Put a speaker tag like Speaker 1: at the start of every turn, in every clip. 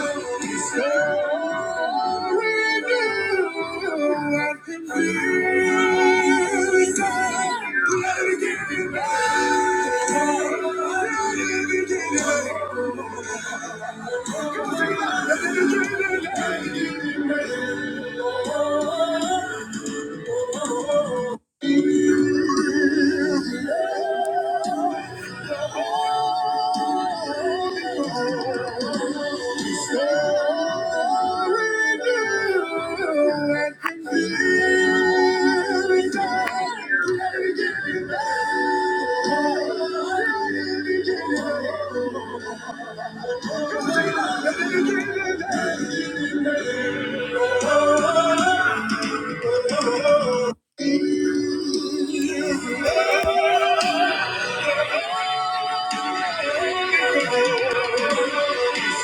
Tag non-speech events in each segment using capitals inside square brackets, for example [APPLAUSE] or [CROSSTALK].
Speaker 1: Thank you. Thank you. Sorry.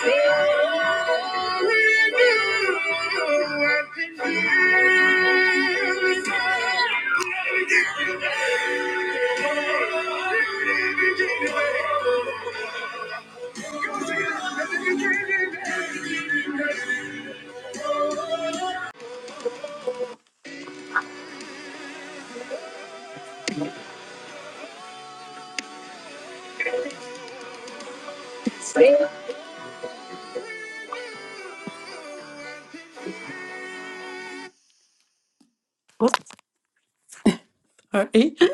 Speaker 1: [LAUGHS]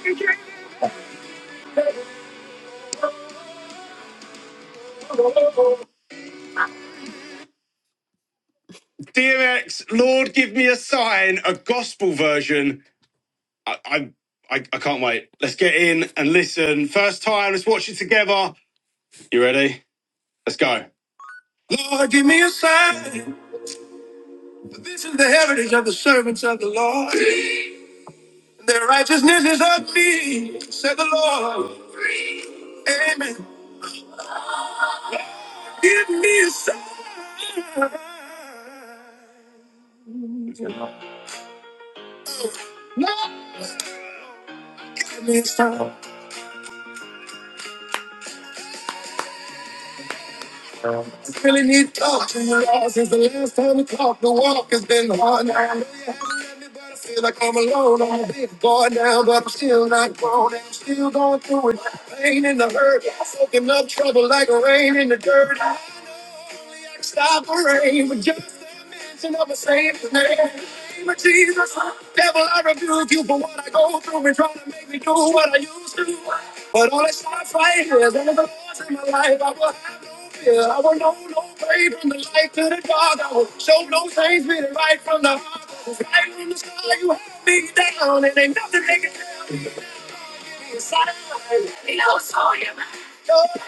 Speaker 1: Thank you. DMX, Lord, give me a sign, a gospel version. I, I, I, I can't wait. Let's get in and listen. First time, let's watch it together. You ready? Let's go. Lord, give me a sign. This is the heritage of the servants of the Lord. Their righteousness is of me, said the Lord. Amen. Give me a sign. Give me a sign. Really need to talk to you all since the last time we talked. The walk has been hard now. I know you haven't let me, but I feel like I'm alone. I'm a big boy now, but I'm still not grown. And I'm still going through it. Pain and the hurt, soaking up trouble like rain in the dirt. Stop the rain with just the mention of a saint's name. In the name of Jesus, huh? devil, I rebuke you for what I go through and trying to make me do what I used to. But all I start fighting is under the laws in my life. I will have no fear. I will know no pain from the light to the dark. I will show no change, be the right from the heart. Right from the sky, you have me down, and ain't nothing they can tell. No,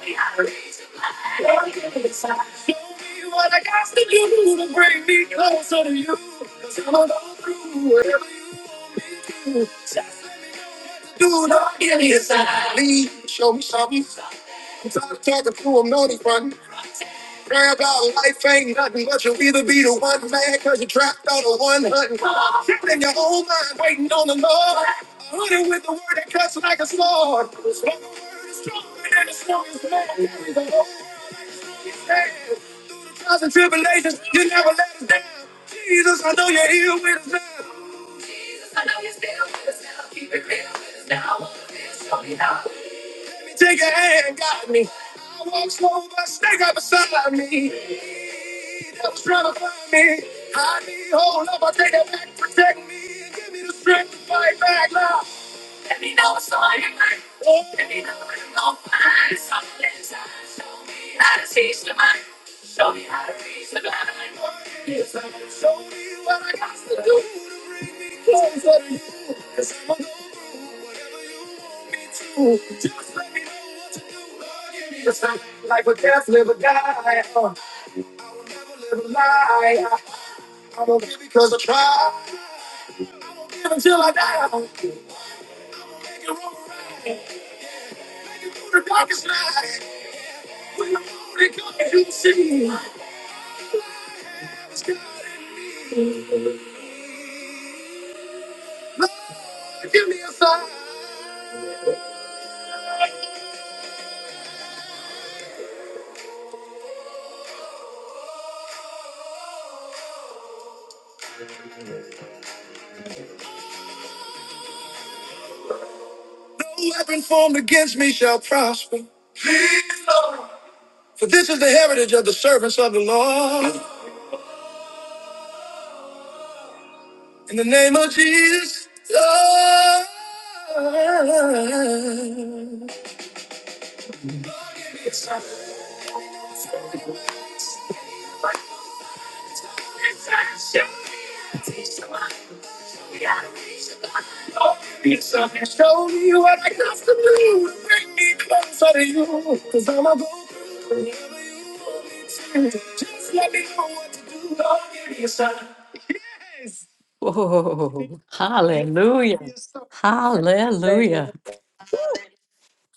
Speaker 1: they can tell me. Show me what I got to do to bring me closer to you. Cause I'm gonna go through whatever you just do not get inside me. Show me something. I'm tired of talking to him, no, he's Pray about life ain't nothing, but you'll either be the one mad cause you trapped out of one hunting. Trapped in your own mind, waiting on the Lord. Hunting with the word that cuts like a sword. But the word is stronger than the strongest man. That is the Lord's hand. trials and tribulations, you never let us down. Jesus, I know you're here with us now. Let me take your hand, got me. I walk slow, but stay right beside me. That was trying to find me. I need hold up, I take it back, protect me, and give me the strength to fight back now. So I ain't waiting on fire, something inside. Show me how to seize the mind. Show me how to reach the blind. Yes, I Show me what I got to do. Closer to you, 'cause I'm a It's like like a death, live or die, uh, live a lie. I, I don't give because I try. live until I die. Make it roll around through the darkest night. When the morning comes, you see. It's God in me. Lord, give me a sign. No weapon formed against me shall prosper. For this is the heritage of the servants of the Lord. In the name of Jesus. Lord. And Show me what I got to do. Bring me closer to you. Cause I'm a go wherever you want me to. Just let me know what to do. Don't give me a sign. Whoa, hallelujah.
Speaker 2: Hallelujah.
Speaker 1: Hallelujah.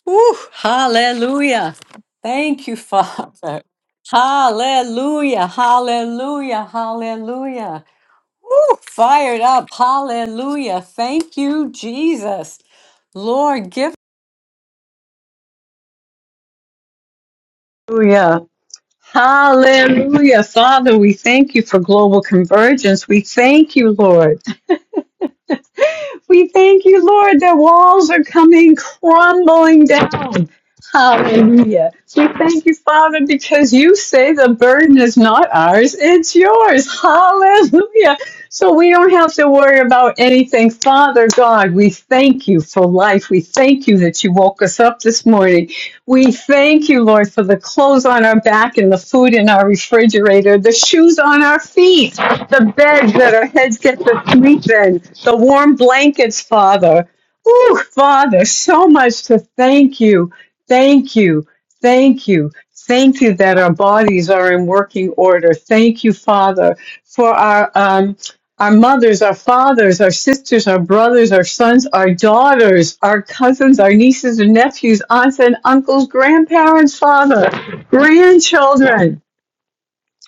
Speaker 1: Woo, hallelujah. Thank you, Father. Hallelujah. Hallelujah. Hallelujah. Woo, fired up. Hallelujah. Thank you, Jesus. Lord, give. Hallelujah. Hallelujah. Father, we thank you for global convergence. We thank you, Lord. [LAUGHS] We thank you, Lord, that walls are coming crumbling down. Hallelujah. We thank you, Father, because you say the burden is not ours, it's yours. Hallelujah. So we don't have to worry about anything. Father God, we thank you for life. We thank you that you woke us up this morning. We thank you, Lord, for the clothes on our back and the food in our refrigerator, the shoes on our feet, the bed that our heads get to sleep in, the warm blankets, Father. Oh, Father, so much to thank you. Thank you. Thank you. Thank you that our bodies are in working order. Thank you, Father, for our um, our mothers, our fathers, our sisters, our brothers, our sons, our daughters, our cousins, our nieces and nephews, aunts and uncles, grandparents, Father, grandchildren.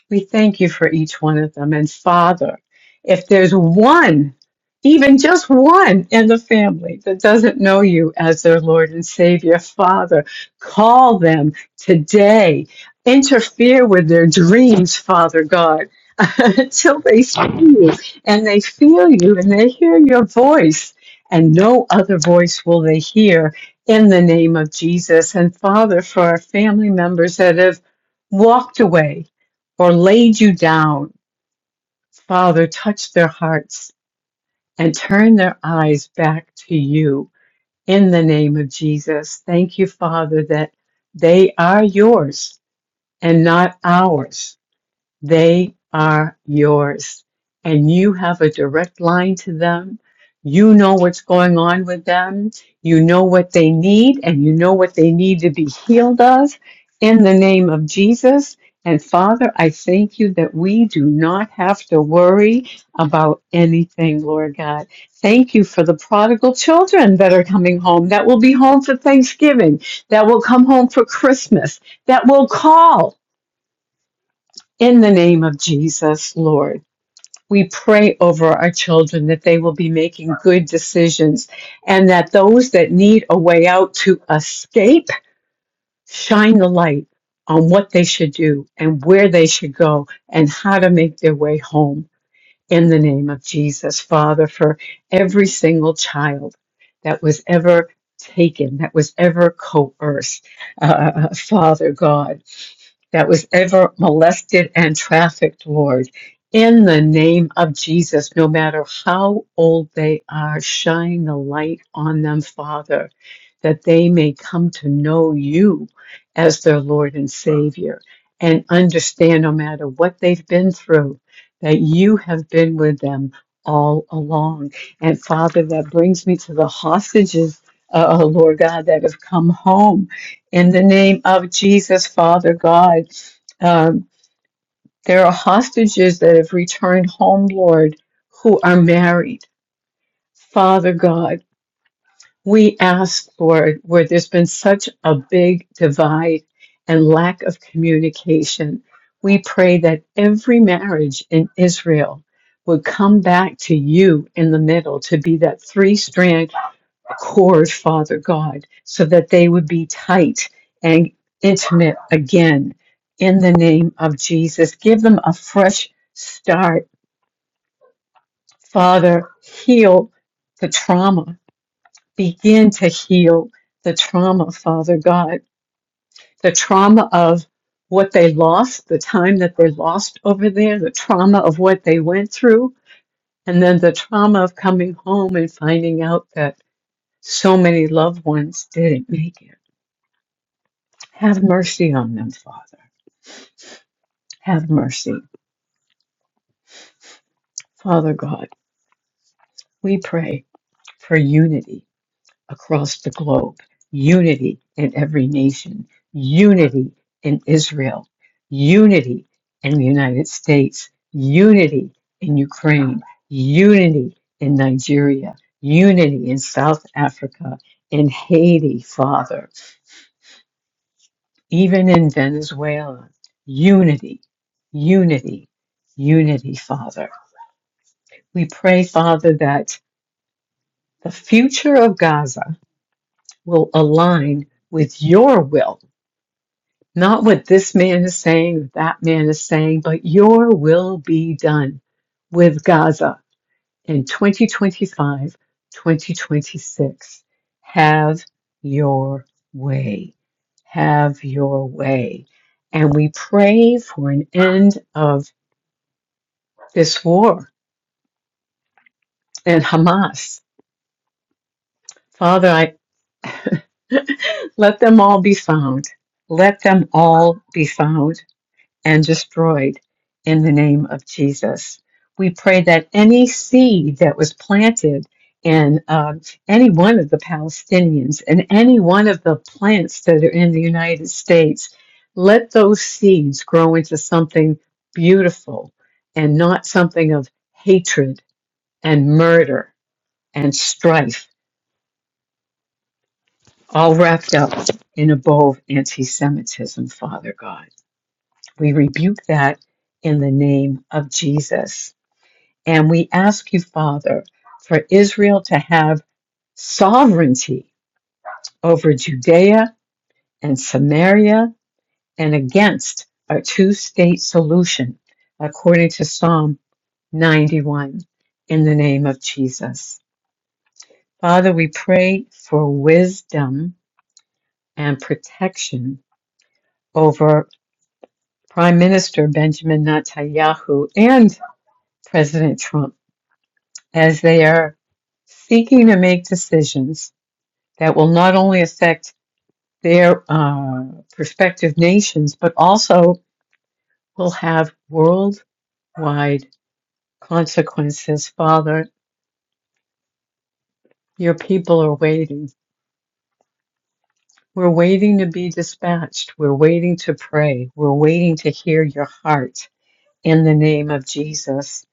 Speaker 1: We thank you for each one of them. And Father, if there's one, even just one in the family that doesn't know you as their Lord and Savior, Father, call them today. Interfere with their dreams, Father God, [LAUGHS] until they see you and they feel you and they hear your voice. And no other voice will they hear in the name of Jesus. And Father, for our family members that have walked away or laid you down. Father, touch their hearts and turn their eyes back to you in the name of Jesus. Thank you, Father, that they are yours and not ours. They are yours. And you have a direct line to them. You know what's going on with them. You know what they need, and you know what they need to be healed of in the name of Jesus. And Father, I thank you that we do not have to worry about anything, Lord God. Thank you for the prodigal children that are coming home, that will be home for Thanksgiving, that will come home for Christmas, that will call. In the name of Jesus, Lord, we pray over our children that they will be making good decisions and that those that need a way out to escape shine the light on what they should do and where they should go and how to make their way home in the name of Jesus, Father, for every single child that was ever taken, that was ever coerced, uh, Father God, that was ever molested and trafficked, Lord. In the name of Jesus, no matter how old they are, shine the light on them, Father, that they may come to know you as their Lord and Savior and understand no matter what they've been through that you have been with them all along. And Father, that brings me to the hostages, uh, uh, Lord God, that have come home. In the name of Jesus, Father God, um, there are hostages that have returned home, Lord, who are married. Father God, we ask, Lord, where there's been such a big divide and lack of communication, we pray that every marriage in Israel would come back to you in the middle to be that three strand cord, Father God, so that they would be tight and intimate again in the name of Jesus. Give them a fresh start, Father. Heal the trauma begin to heal the trauma, Father God, the trauma of what they lost, the time that they lost over there, the trauma of what they went through, and then the trauma of coming home and finding out that so many loved ones didn't make it. Have mercy on them, Father. Have mercy. Father God, we pray for unity across the globe, unity in every nation, unity in Israel, unity in the United States, unity in Ukraine, unity in Nigeria, unity in South Africa, in Haiti, Father, even in Venezuela, unity, unity, unity, Father. We pray, Father, that the future of Gaza will align with your will Not what this man is saying, that man is saying, but your will be done with Gaza in 2025, 2026. Have your way. Have your way. And we pray for an end of this war and Hamas. Father, I let them all be found. Let them all be found and destroyed in the name of Jesus. We pray that any seed that was planted in um, any one of the Palestinians and any one of the plants that are in the United States, let those seeds grow into something beautiful and not something of hatred and murder and strife, all wrapped up in a bow of anti Semitism, Father God. We rebuke that in the name of Jesus. And we ask you, Father, for Israel to have sovereignty over Judea and Samaria and against a two state solution, according to Psalm 91, in the name of Jesus. Father, we pray for wisdom and protection over Prime Minister Benjamin Netanyahu and President Trump as they are seeking to make decisions that will not only affect their uh, prospective nations, but also will have worldwide consequences. Father, your people are waiting. We're waiting to be dispatched. We're waiting to pray. We're waiting to hear your heart. in the name of Jesus.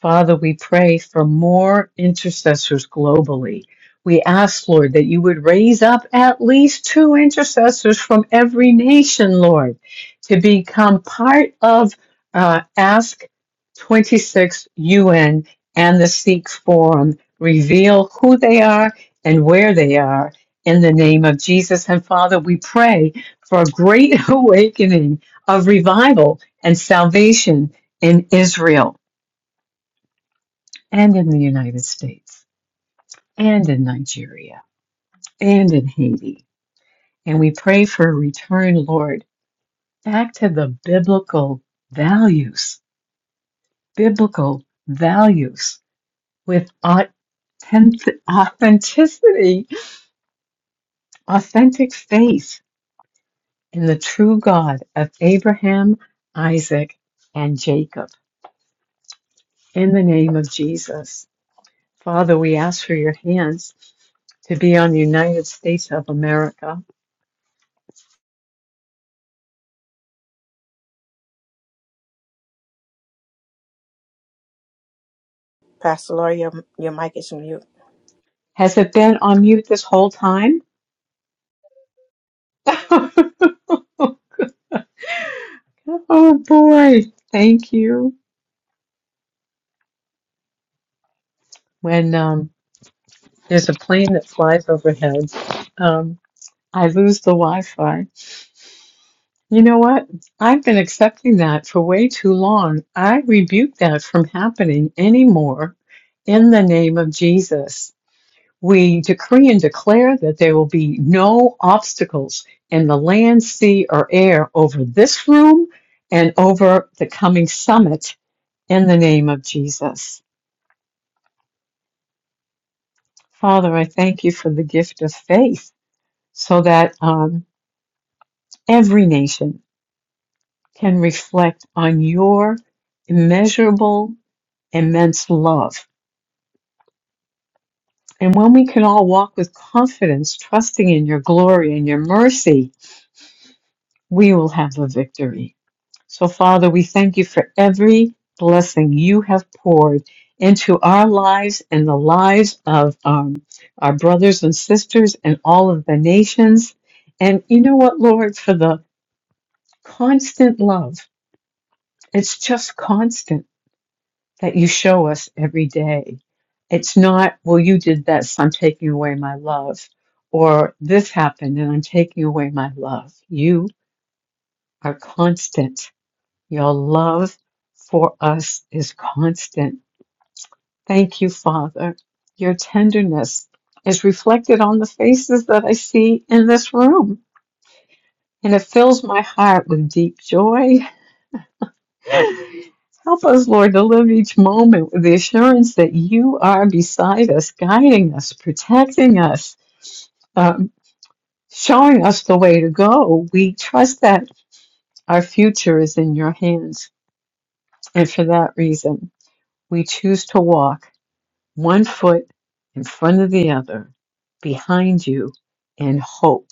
Speaker 1: Father, we pray for more intercessors globally. We ask, Lord, that you would raise up at least two intercessors from every nation, Lord, to become part of uh, Ask 26 UN and the Sikh Forum. Reveal who they are and where they are in the name of Jesus. And Father, we pray for a great [LAUGHS] awakening of revival and salvation in Israel and in the United States and in Nigeria and in Haiti. And we pray for a return, Lord, back to the biblical values, biblical values with authentic- authenticity, authentic faith in the true God of Abraham, Isaac, and Jacob. In the name of Jesus. Father, we ask for your hands to be on the United States of America
Speaker 2: Pastor Lori, your, your mic is mute.
Speaker 1: Has it been on mute this whole time? [LAUGHS] Oh boy, thank you. When um, there's a plane that flies overhead, um, I lose the Wi-Fi. You know what? I've been accepting that for way too long. I rebuke that from happening anymore in the name of Jesus. We decree and declare that there will be no obstacles in the land, sea, or air over this room and over the coming summit in the name of Jesus. Father, I thank you for the gift of faith so that um, every nation can reflect on your immeasurable, immense love. And when we can all walk with confidence, trusting in your glory and your mercy, we will have a victory. So, Father, we thank you for every blessing you have poured into our lives and the lives of um, our brothers and sisters and all of the nations. And you know what, Lord, for the constant love, it's just constant that you show us every day. It's not, well, you did this, I'm taking away my love, or this happened and I'm taking away my love. You are constant Your love for us is constant. Thank you, Father. Your tenderness is reflected on the faces that I see in this room, and it fills my heart with deep joy. Help us, Lord, to live each moment with the assurance that you are beside us, guiding us, protecting us, um, showing us the way to go. We trust that our future is in your hands, and for that reason, we choose to walk. one foot in front of the other, behind you, in hope,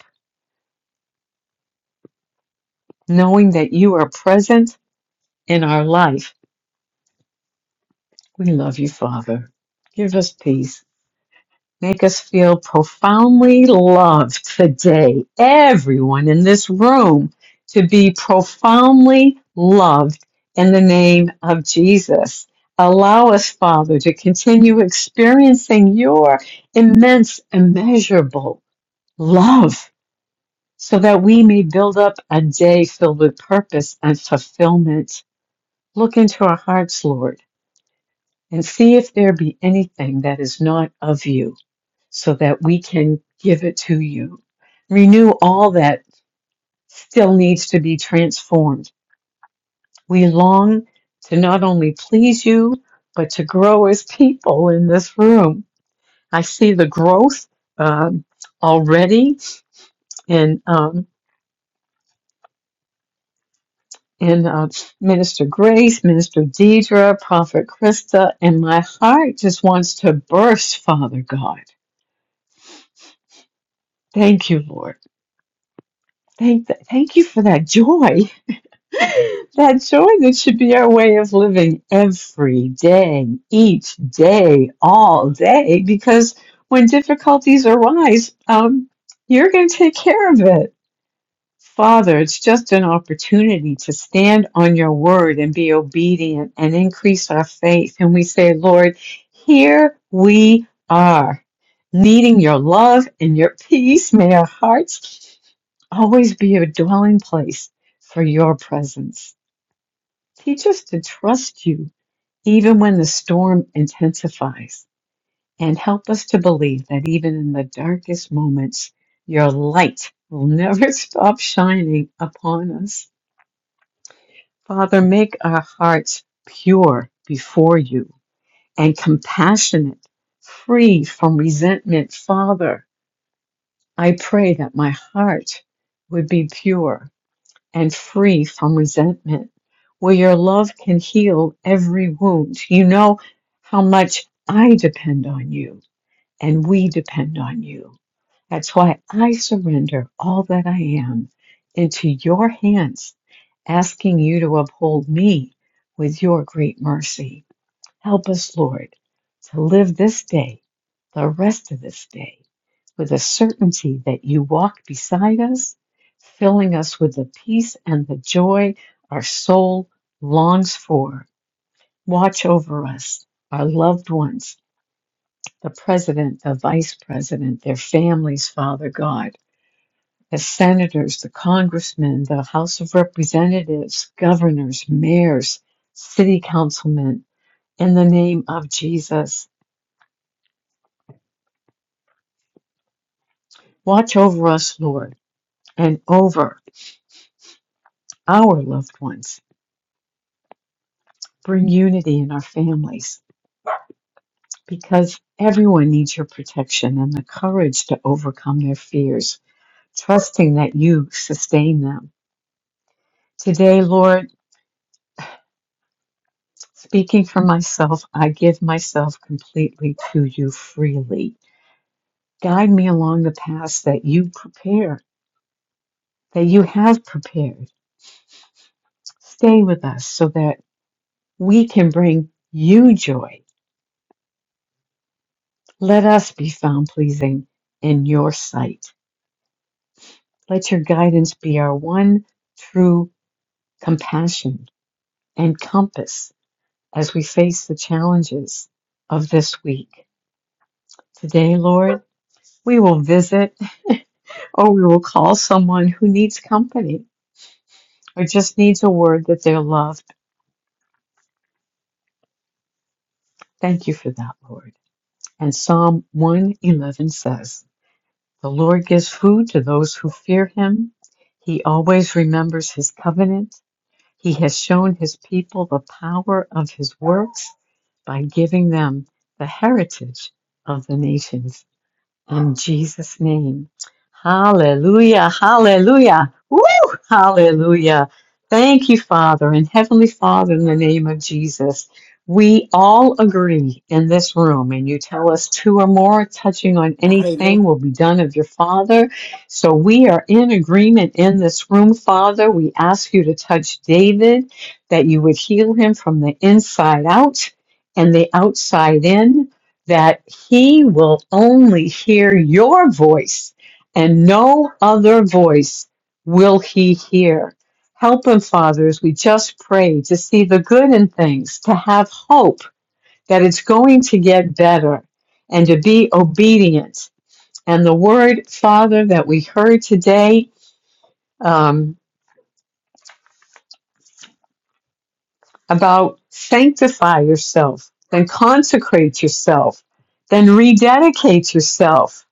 Speaker 1: knowing that you are present in our life. We love you, Father. Give us peace. Make us feel profoundly loved today. Everyone in this room to be profoundly loved in the name of Jesus. Allow us, Father, to continue experiencing your immense, immeasurable love so that we may build up a day filled with purpose and fulfillment. Look into our hearts, Lord, and see if there be anything that is not of you, so that we can give it to you. Renew all that still needs to be transformed. We long to not only please you, but to grow as people in this room. I see the growth um, already, and um, and uh, Minister Grace, Minister Deidre, Prophet Krista, and my heart just wants to burst, Father God. Thank you, Lord. Thank, thank you for that joy. [LAUGHS] that joy that should be our way of living every day, each day, all day, because when difficulties arise, um, you're going to take care of it Father, it's just an opportunity to stand on your word and be obedient and increase our faith. And we say, Lord, here we are, needing your love and your [LAUGHS] peace. May our hearts always be a dwelling place for your presence. Teach us to trust you even when the storm intensifies, and help us to believe that even in the darkest moments, your light will never [LAUGHS] stop shining upon us. Father, make our hearts pure before you and compassionate, free from resentment. Father, I pray that my heart would be pure and free from resentment, where your love can heal every wound. You know how much I depend on you and we depend on you. That's why I surrender all that I am into your hands, asking you to uphold me with your great mercy. Help us, Lord, to live this day, the rest of this day, with a certainty that you walk beside us, filling us with the peace and the joy our soul longs for. Watch over us, our loved ones, the president, the vice president, their families, Father God the senators, the congressmen, the House of Representatives, governors, mayors, city councilmen, in the name of Jesus. Watch over us, Lord, and over our loved ones. Bring unity in our families because everyone needs your protection and the courage to overcome their fears, trusting that you sustain them. Today, Lord, speaking for myself, I give myself completely to you freely. Guide me along the paths that you prepare, that you have prepared. Stay with us so that we can bring you joy. Let us be found pleasing in your sight. Let your guidance be our one true compassion and compass as we face the challenges of this week. Today, Lord, we will visit or we will call someone who needs company or just needs a word that they're loved. Thank you for that, Lord. And Psalm 111 says, The Lord gives food to those who fear him. He always remembers his covenant. He has shown his people the power of his works by giving them the heritage of the nations in Jesus' name. Hallelujah, hallelujah, woo, hallelujah. Thank you, Father and Heavenly Father, in the name of Jesus. We all agree in this room, and you tell us two or more touching on anything will be done of your Father. So we are in agreement in this room, Father. We ask you to touch David, that you would heal him from the inside out and the outside in that he will only hear your voice and no other voice will he hear. Help him, Father, as we just pray to see the good in things, to have hope that it's going to get better, and to be obedient. And the word, Father, that we heard today um, about sanctify yourself, then consecrate yourself, then rededicate yourself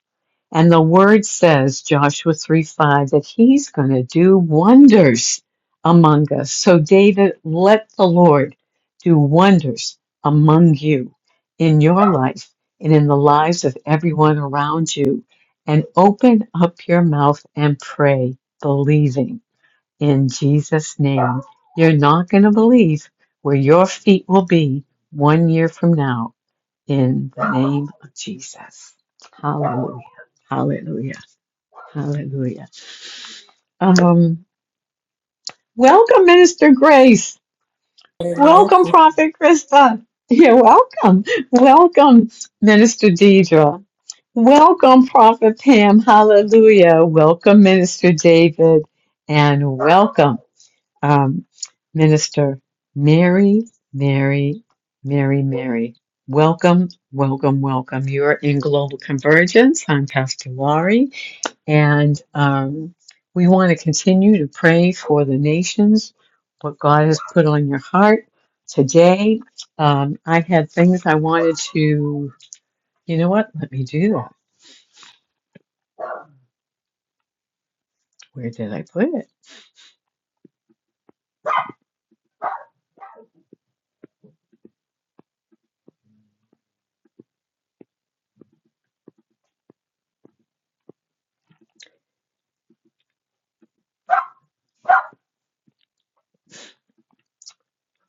Speaker 1: And the word says, Joshua 3 5, that he's going to do wonders among us. So, David, let the Lord do wonders among you in your life and in the lives of everyone around you. And open up your mouth and pray, believing in Jesus' name. You're not going to believe where your feet will be one year from now in the name of Jesus. Hallelujah. Hallelujah. Hallelujah. Um, welcome, Minister Grace.
Speaker 2: Hallelujah.
Speaker 1: Welcome, Prophet Krista. You're welcome. Welcome, Minister Deidre. Welcome, Prophet Pam. Hallelujah. Welcome, Minister David. And welcome. Um, Minister Mary, Mary, Mary, Mary. Welcome, welcome, welcome. You're in Global Convergence. I'm Pastor Laurie, and um, we want to continue to pray for the nations, what God has put on your heart. Today, um, I had things I wanted to, you know what? Let me do that. Where did I put it?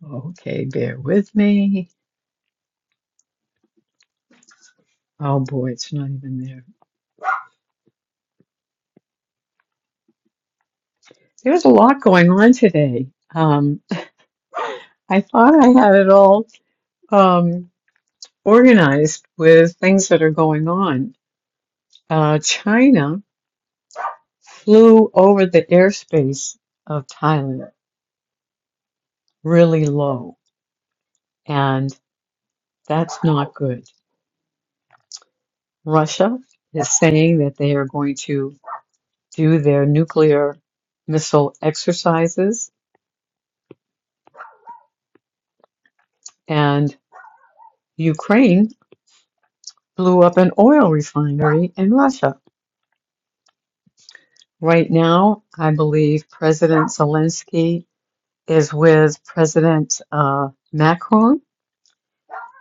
Speaker 1: Okay, bear with me. Oh boy, it's not even there. There's a lot going on today. Um, [LAUGHS] I thought I had it all um, organized with things that are going on. Uh, China flew over the airspace of Thailand really low, and that's not good. Russia is saying that they are going to do their nuclear missile exercises, and Ukraine blew up an oil refinery in Russia. Right now, I believe President Zelensky is with President uh, Macron,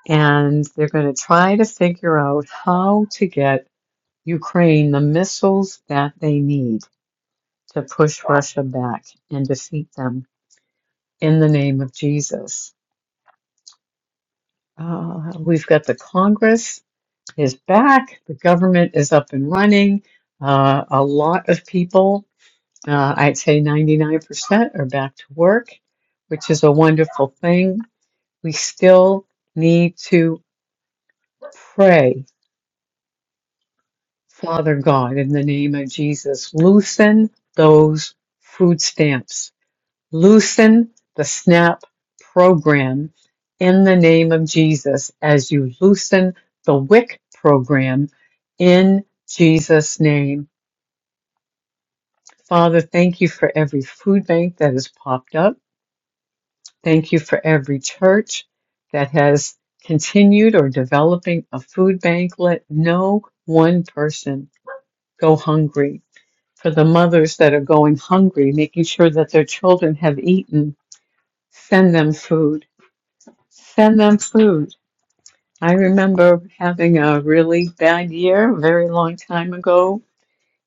Speaker 1: and they're going to try to figure out how to get Ukraine the missiles that they need to push Russia back and defeat them in the name of Jesus. Uh, we've got the Congress is back, the government is up and running, uh, a lot of people. Uh, I'd say 99% are back to work, which is a wonderful thing. We still need to pray, Father God, in the name of Jesus, loosen those food stamps, loosen the SNAP program in the name of Jesus as you loosen the WIC program in Jesus' name. Father, thank you for every food bank that has popped up. Thank you for every church that has continued or developing a food bank. Let no one person go hungry. For the mothers that are going hungry, making sure that their children have eaten, send them food. Send them food. I remember having a really bad year a very long time ago,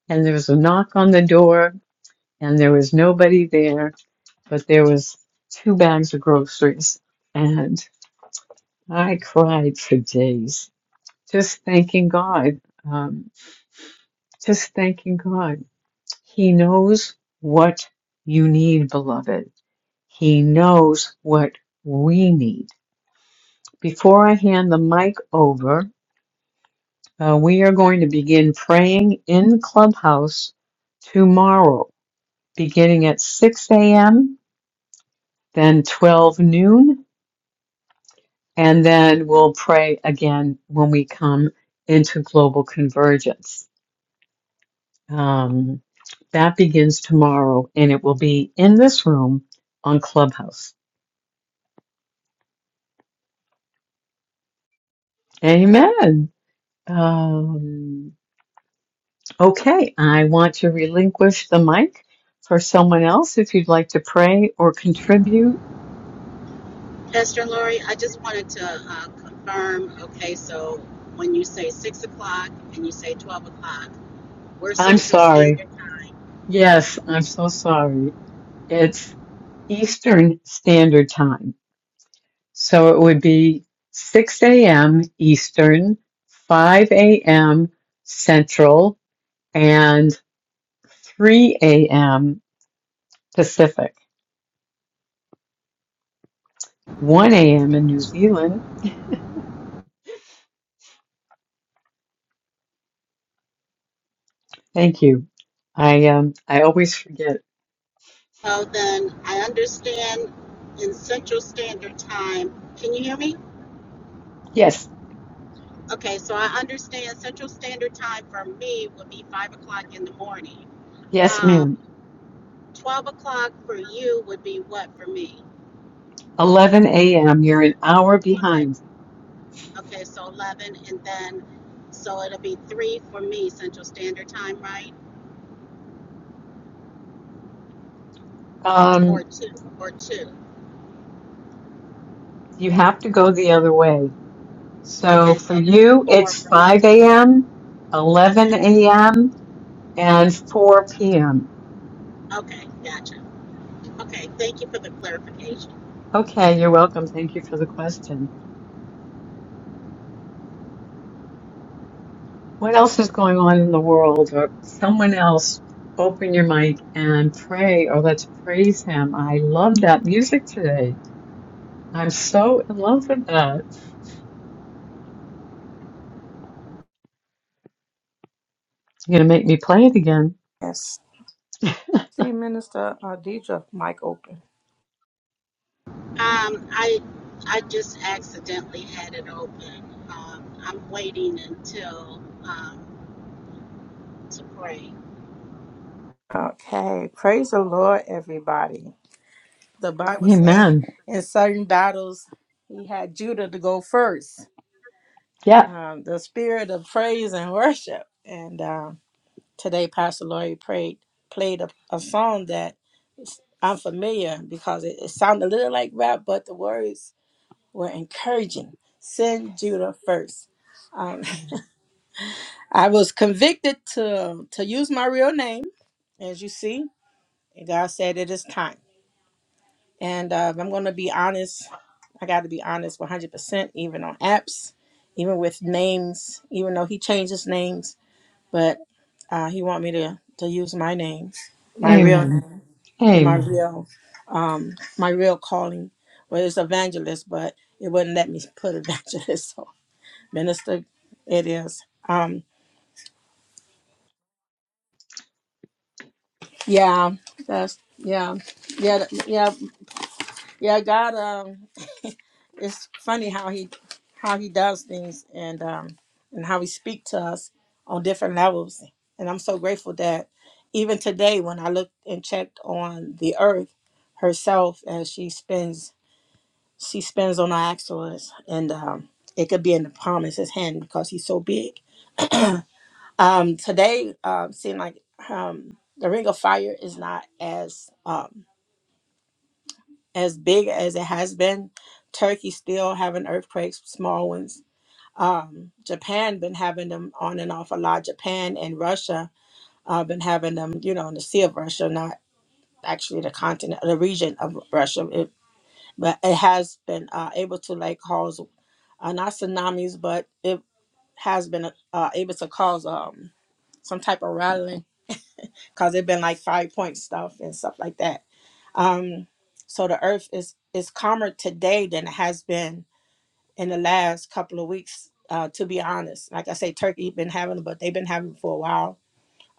Speaker 1: and there was a knock on the door, and there was nobody there, but there was two bags of groceries. and. I cried for days, just thanking God. Um, just thanking God. He knows what you need, beloved. He knows what we need. Before I hand the mic over, uh, we are going to begin praying in Clubhouse tomorrow, beginning at 6 a.m., then 12 noon, and then we'll pray again when we come into global convergence. Um, that begins tomorrow, and it will be in this room on Clubhouse. Amen. Um, okay, I want to relinquish the mic for someone else if you'd like to pray or contribute.
Speaker 3: Pastor Lori, I just wanted to uh, confirm, okay, so when you say six o'clock and you say twelve o'clock, we're
Speaker 1: I'm
Speaker 3: Central
Speaker 1: sorry.
Speaker 3: Standard Time.
Speaker 1: Yes, I'm so sorry. It's Eastern Standard Time. So it would be 6 a.m. Eastern, 5 a.m. Central, and 3 a.m. Pacific, 1 a.m. in New Zealand. Thank you. I um I always forget.
Speaker 3: So then I understand in Central Standard Time, can you hear me?
Speaker 1: Yes,
Speaker 3: Okay, so I understand Central Standard Time for me would be five o'clock in the morning.
Speaker 1: yes, ma'am.
Speaker 3: Um, twelve o'clock for you would be what for me?
Speaker 1: 11 a.m. You're an hour
Speaker 3: Okay,
Speaker 1: behind.
Speaker 3: okay, so eleven and then, so it'll be three for me Central Standard Time, right? Or
Speaker 1: Um,
Speaker 3: two, or two.
Speaker 1: you have to go the other way. So
Speaker 3: Okay,
Speaker 1: for
Speaker 3: so then
Speaker 1: you,
Speaker 3: four
Speaker 1: it's
Speaker 3: for me.
Speaker 1: 5 a.m., 11
Speaker 3: Okay,
Speaker 1: a.m., and 4 p.m.
Speaker 3: okay, gotcha. Okay, thank you for the clarification.
Speaker 1: Okay, you're welcome. Thank you for the question. what else is going on in the world or someone else open your mic and pray or let's praise him i love that music today i'm so in love with that you're going to make me play it again
Speaker 2: Yes. See, Minister uh, Deidre, mic open.
Speaker 3: Um, I, I just accidentally had it open. Um, I'm waiting until, um, to pray.
Speaker 2: Okay. Praise the Lord, everybody. The Bible say
Speaker 1: amen
Speaker 2: in certain battles he had Judah to go first.
Speaker 1: yeah
Speaker 2: Um, the spirit of praise and worship. And um, today, Pastor Lori prayed, played a, a song that is- I'm familiar because it, it sounded a little like rap, but the words were encouraging. Send Judah first. Um, [LAUGHS] I was convicted to to use my real name, as you see. And God said it is time. And uh, if I'm going to be honest. I got to be honest, 100%. Even on apps, even with names, even though He changes names, but uh, He want me to to use my name, my real
Speaker 1: amen
Speaker 2: name, and my
Speaker 1: amen
Speaker 2: real um, my real calling. Well, it's evangelist, but it wouldn't let me put evangelist. [LAUGHS] So Minister, it is. Um, yeah, that's yeah, yeah, th- yeah, yeah. God, um, [LAUGHS] it's funny how he how he does things and um and how he speak to us on different levels. And I'm so grateful that even today, when I looked and checked on the earth herself, as she spins, she spins on our axles, and um, it could be in the palm of his hand because he's so big. [CLEARS THROAT] Um, today um, seemed like um, the Ring of Fire is not as um, as big as it has been. Turkey still having earthquakes, small ones. Um, Japan been having them on and off a lot. Japan and Russia uh, been having them, you know, in the Sea of Russia, not actually the continent, the region of Russia. It, but it has been uh, able to like cause uh, not tsunamis, but it has been uh, able to cause um, some type of rattling because it' been like five point stuff and stuff like that. Um, so the earth is is calmer today than it has been in the last couple of weeks. Uh, to be honest, like I say, Turkey been having them, but they've been having them for a while.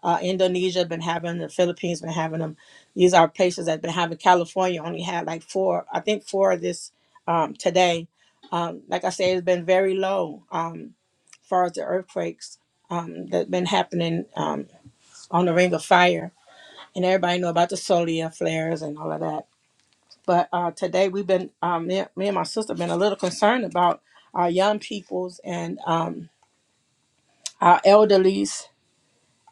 Speaker 2: Uh, Indonesia been having them, the Philippines been having them. These are places that been having. California only had like four, I think four this um, today. Um, like I say, it's been very low um, as far as the earthquakes um, that been happening um, on the Ring of Fire and everybody know about the solar flares and all of that. But uh, today we've been, um, me, me and my sister been a little concerned about our young peoples and um, our elderlies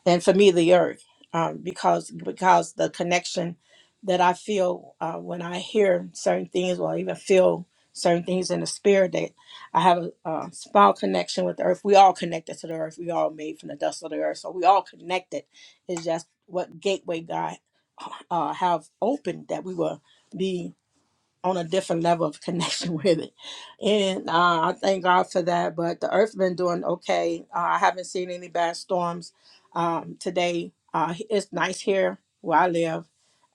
Speaker 2: and for me the earth um, because because the connection that I feel uh, when I hear certain things or even feel certain things in the spirit that I have a, a small connection with the earth. We all connected to the earth. We all made from the dust of the earth, so we all connected. It's just what gateway God uh, have opened that we will be on a different level of connection [LAUGHS] with it. And uh, I thank God for that. But the earth's been doing okay. Uh, I haven't seen any bad storms um, today. Uh, it's nice here where I live.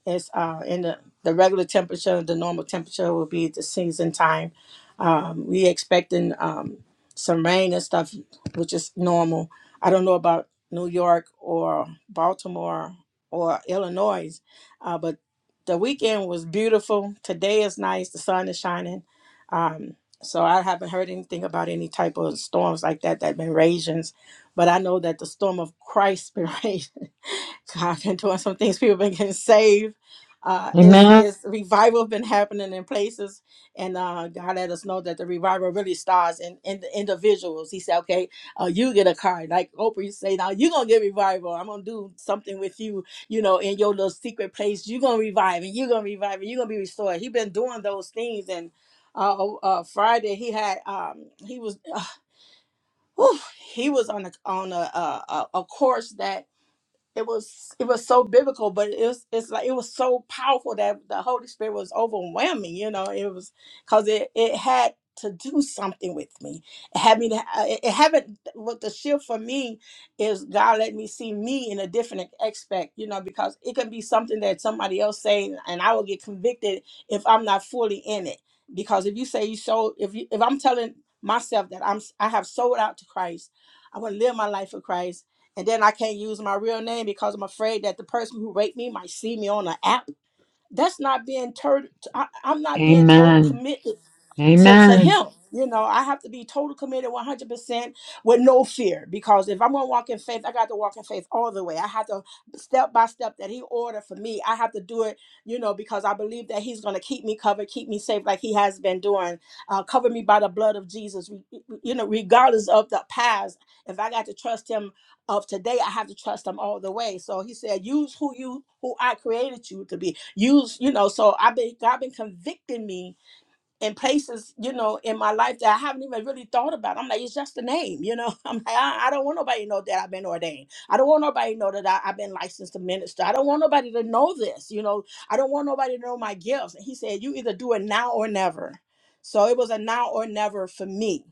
Speaker 2: It's uh, in the, the regular temperature, the normal temperature will be the season time. Um, we expecting um, some rain and stuff, which is normal. I don't know about New York or Baltimore or Illinois, uh, but the weekend was beautiful. Today is nice. The sun is shining. Um, so I haven't heard anything about any type of storms like that that been raging. But I know that the storm of Christ [LAUGHS] been raging. So [LAUGHS] I've been doing some things. People been getting saved. Uh, it's
Speaker 1: amen
Speaker 2: it's revival been happening in places, and uh, God let us know that the revival really starts in, in the individuals. He said, "Okay, uh, you get a car." Like Oprah used to say, "Now you're gonna get revival. I'm gonna do something with you, you know, in your little secret place. You're gonna revive, and you're gonna revive, and you're gonna be restored." He been doing those things, and uh, oh, uh, Friday he had um, he was [SIGHS] whew, he was on a on a, a a a course that it was it was so biblical, but it was it's like it was so powerful that the Holy Spirit was overwhelming. You know, it was because it it had to do something with me. It had me to ha- it, it haven't. What the shift for me is God let me see me in a different aspect. You know, because it can be something that somebody else saying, and I will get convicted if I'm not fully in it. Because if you say you sold, if you if I'm telling myself that I'm I have sold out to Christ, I want to live my life for Christ and then I can't use my real name because I'm afraid that the person who raped me might see me on an app. That's not being tur- I, I'm not being total
Speaker 1: amen
Speaker 2: committed to, to
Speaker 1: amen
Speaker 2: him. You know, I have to be total committed 100% with no fear because if I'm going to walk in faith, I got to walk in faith all the way. I have to step by step that he ordered for me. I have to do it, you know, because I believe that he's going to keep me covered, keep me safe like he has been doing. Uh, cover me by the blood of Jesus, you know, regardless of the past. If I got to trust him of today, I have to trust him all the way. So he said, use who you, who I created you to be. Use, you know, so I've been, God been convicting me in places, you know, in my life that I haven't even really thought about. I'm like, it's just a name, you know. [LAUGHS] I'm like, I, I don't want nobody to know that I've been ordained. I don't want nobody to know that I, I've been licensed to minister. I don't want nobody to know this, you know. I don't want nobody to know my gifts. And he said, you either do it now or never. So it was a now or never for me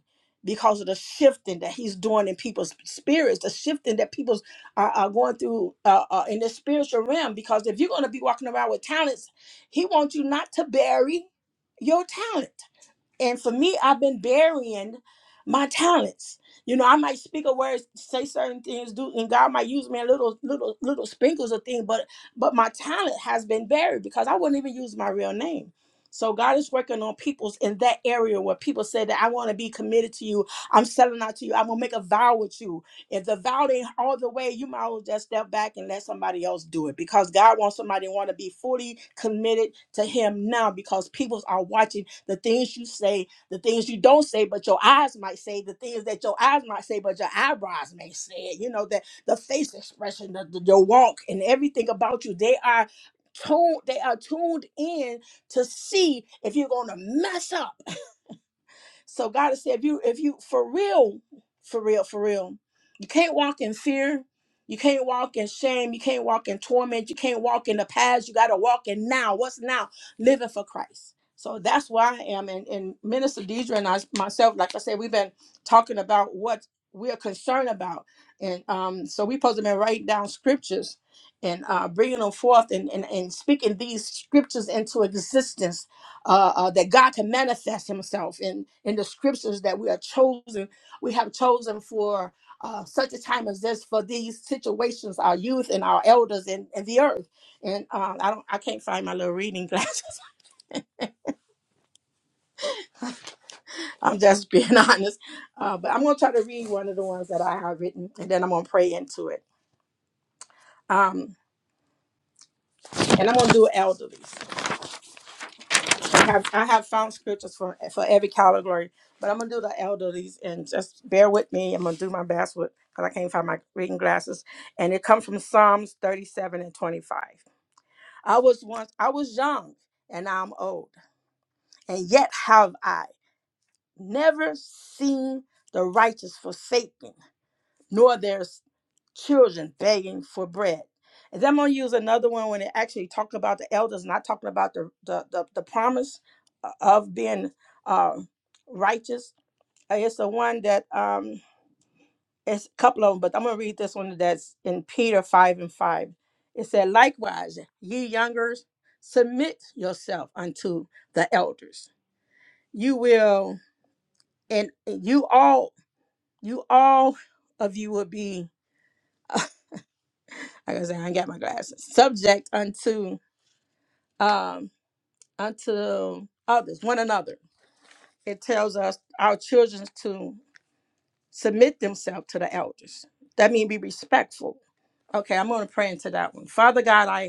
Speaker 2: because of the shifting that he's doing in people's spirits, the shifting that people are, are going through uh, uh, in the spiritual realm. Because if you're going to be walking around with talents, he wants you not to bury your talent. And for me, I've been burying my talents. You know, I might speak a word, say certain things, do, and God might use me in little, little, little sprinkles of things. But, but my talent has been buried because I wouldn't even use my real name. So God is working on people's in that area where people say that I want to be committed to you. I'm selling out to you. I'm gonna make a vow with you. If the vow ain't all the way, you might as well just step back and let somebody else do it because God wants somebody to want to be fully committed to Him now because people are watching the things you say, the things you don't say, but your eyes might say, the things that your eyes might say, but your eyebrows may say it. You know, that the face expression, the, the, your walk, and everything about you, they are tuned, they are tuned in to see if you're going to mess up so God has said, if you, if you, for real, for real, for real, you can't walk in fear. You can't walk in shame. You can't walk in torment. You can't walk in the past. You got to walk in now. What's now? Living for Christ. So that's where I am. And, and Minister Deidre and I, myself, like I said, we've been talking about what we're concerned about. And um, so we're supposed to be writing down scriptures and uh, bringing them forth and, and, and speaking these scriptures into existence uh, uh, that God can manifest Himself in in the scriptures that we are chosen. We have chosen for uh, such a time as this for these situations, our youth and our elders and, and the earth. And uh, I don't, I can't find my little reading glasses. [LAUGHS] I'm just being [LAUGHS] honest, uh, but I'm gonna try to read one of the ones that I have written, and then I'm gonna pray into it. Um, and I'm gonna do elderly. I have I have found scriptures for for every category, but I'm gonna do the elderlies and just bear with me. I'm gonna do my best with because I can't find my reading glasses. And it comes from Psalms 37 and 25. I was once I was young and now I'm old, and yet have I never seen the righteous forsaken, nor their children begging for bread. And then I'm gonna use another one when it actually talked about the elders, not talking about the the the, the promise uh, of being uh, righteous. Uh, It's the one that um it's a couple of them, but I'm gonna read this one that's in Peter five and five. It said, likewise, ye youngers, submit yourself unto the elders. You will, and you all, you all of you will be. [LAUGHS] like I said, I ain't got my glasses. Subject unto um unto others, one another. It tells us our children to submit themselves to the elders. That means be respectful. Okay, I'm gonna pray into that one. Father God, I.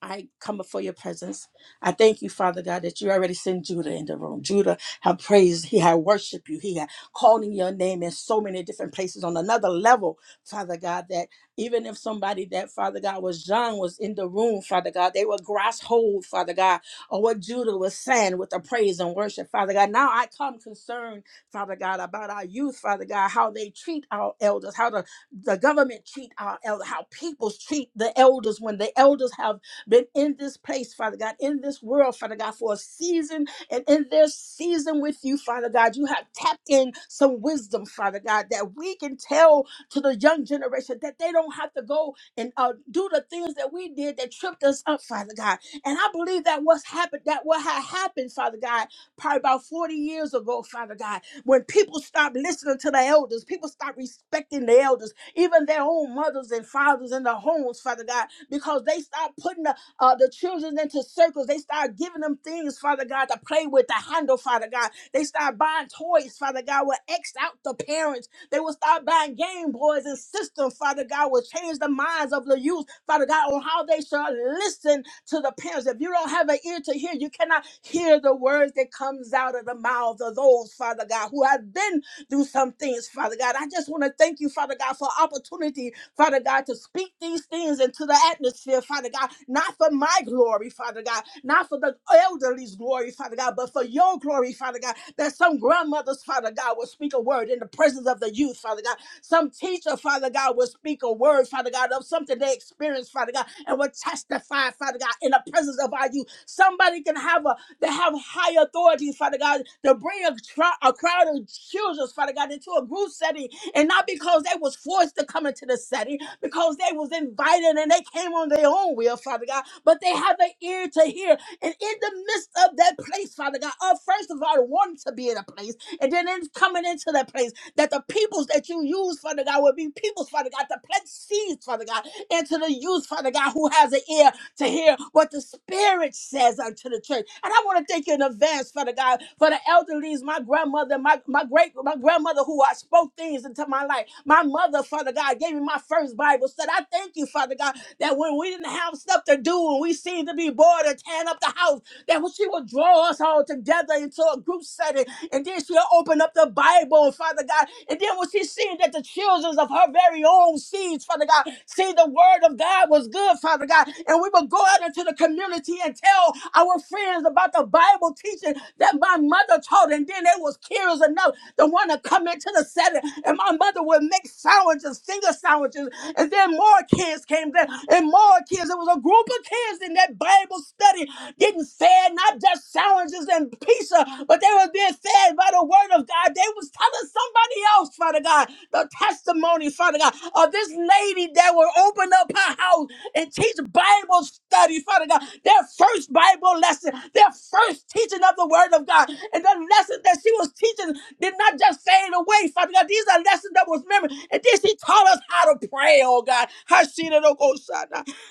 Speaker 2: I come before your presence. I thank you, Father God, that you already sent Judah in the room. Judah had praised, he had worshiped you, he had called in your name in so many different places on another level, Father God, that even if somebody that, Father God, was young, was in the room, Father God, they would grasp hold, Father God, of what Judah was saying with the praise and worship, Father God. Now I come concerned, Father God, about our youth, Father God, how they treat our elders, how the the government treat our elders, how people treat the elders when the elders have been in this place, Father God, in this world, Father God, for a season and in their season with you, Father God, you have tapped in some wisdom, Father God, that we can tell to the young generation that they don't have to go and uh, do the things that we did that tripped us up, Father God. And I believe that what's happened, that what had happened, Father God, probably about 40 years ago, Father God, when people stopped listening to the elders, people stopped respecting the elders, even their own mothers and fathers in the homes, Father God, because they stopped putting uh, the children into circles. They start giving them things, Father God, to play with, to handle, Father God. They start buying toys, Father God, will X out the parents. They will start buying Game Boys and systems, Father God, will change the minds of the youth, Father God, on how they shall listen to the parents. If you don't have an ear to hear, you cannot hear the words that comes out of the mouths of those, Father God, who have been through some things, Father God. I just want to thank you, Father God, for opportunity Father God, to speak these things into the atmosphere, Father God, not for my glory, Father God, not for the elderly's glory, Father God, but for your glory, Father God, that some grandmothers, Father God, will speak a word in the presence of the youth, Father God. Some teacher, Father God, will speak a word, Father God, of something they experienced, Father God, and will testify, Father God, in the presence of our youth. Somebody can have a they have high authority, Father God, to bring a, tr- a crowd of children, Father God, into a group setting and not because they was forced to come into the setting, because they was invited and they came on their own will, Father God, but they have an ear to hear. And in the midst of that place, Father God, of first of all, wanting to be in a place, and then in coming into that place, that the peoples that you use, Father God, will be peoples, Father God, to plant seeds, Father God, into the youth, Father God, who has an ear to hear what the Spirit says unto the church. And I want to thank you in advance, Father God, for the elderlies, my grandmother, my, my great my grandmother who I spoke things into my life. My mother, Father God, gave me my first Bible study. I thank you, Father God, that when we didn't have stuff to do and we seemed to be bored and tearing up the house, that when she would draw us all together into a group setting and then she'll open up the Bible, Father God. And then when she seen that the children of her very own seeds, Father God, see the word of God was good, Father God. And we would go out into the community and tell our friends about the Bible teaching that my mother taught. And then they was curious enough to want to come into the setting. And my mother would make sandwiches, finger sandwiches. And then more kids came there and more kids. It was a group of kids in that Bible study getting fed not just sandwiches and pizza, but they were being fed by the word of God. They was telling somebody else, Father God, the testimony, Father God, of this lady that will open up her house and teach Bible study, Father God, their first Bible lesson, their first teaching of the Word of God. And the lessons that she was teaching did not just fade away, Father God. These are lessons that was remembered. And then she taught us how to pray, oh God. Hashira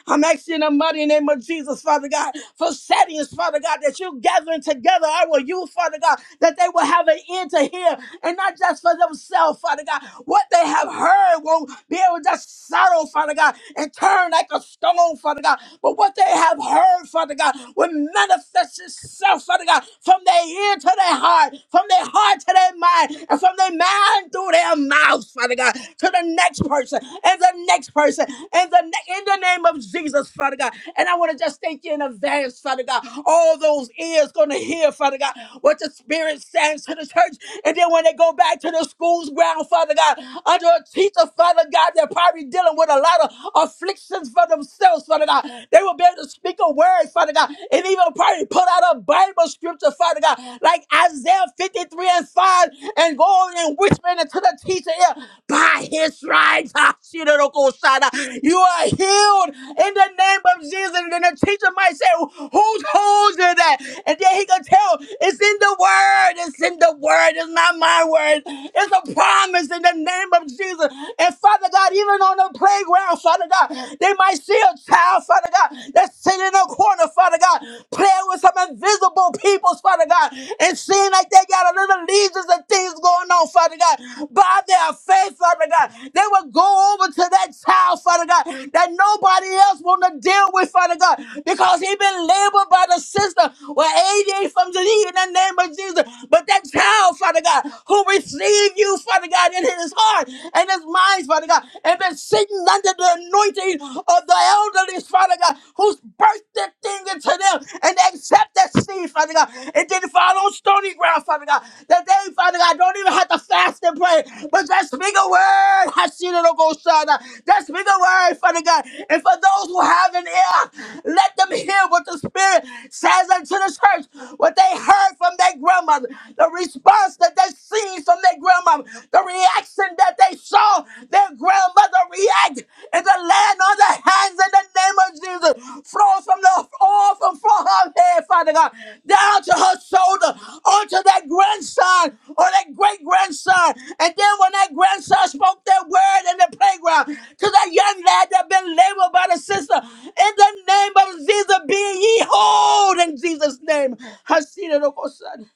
Speaker 2: I'm asking in the mighty name of Jesus, Father God, for settings, Father God, that you're gathering together I will, you, Father God, that they will have an ear to hear and not just for themselves, Father God. What they have heard won't be able to just settle, Father God, and turn like a stone, Father God. But what they have heard, Father God, will manifest itself, Father God, from their ear to their heart, from their heart to their mind, and from their mind through their mouths, Father God, to the next person, and the next person, and the ne- in the name of Jesus, Father God. And I want to just thank you in advance, Father God. All those ears going to hear, Father God, what the Spirit says to the church. And then when they go back to the school's ground, Father God, under a teacher, Father God, they're probably dealing with a lot of afflictions for themselves, Father God. They will be able to speak a word, Father God, and even probably put out a Bible scripture, Father God, like Isaiah 53 and 5, and go and whisper into the teacher ear, by his stripes, ah, shidorokosada, you are healed in the name of Jesus. And then the teacher might say, who's holding that? And then he can tell, it's in the word, it's in the word, it's not my word. It's a promise in the name of Jesus. And Father, Father God, even on the playground, Father God, they might see a child, Father God, that's sitting in a corner, Father God, playing with some invisible peoples, Father God, and seeing like they got a little legions and things going on, Father God. By their faith, Father God, they will go over to that child, Father God, that nobody else want to deal with, Father God, because he been labeled by the system with ADHD from the in the name of Jesus. But that child, Father God, who received you, Father God in his heart and his minds, Father God, and been sitting under the anointing of the elderlies, Father God, who's birthed that thing into them and they accept that seed, Father God. It didn't fall on stony ground, Father God. That they, Father God, don't even have to fast and pray, but just speak a word. Hashirogosana. Just speak a word, Father God. And for those who have an ear, let them hear what the Spirit says unto the church, what they heard from their grandmother, the response that they seen from their grandma, the reaction that they saw their grandmother react is the land on the hands in the name of Jesus. Flow from the all from, from her head, Father God, down to her shoulder, onto that grandson or that great grandson. And then when that grandson spoke that word in the playground to that young lad that been labeled by the sister, in the name of Jesus, be ye whole in Jesus' name. I see it, oh God, son.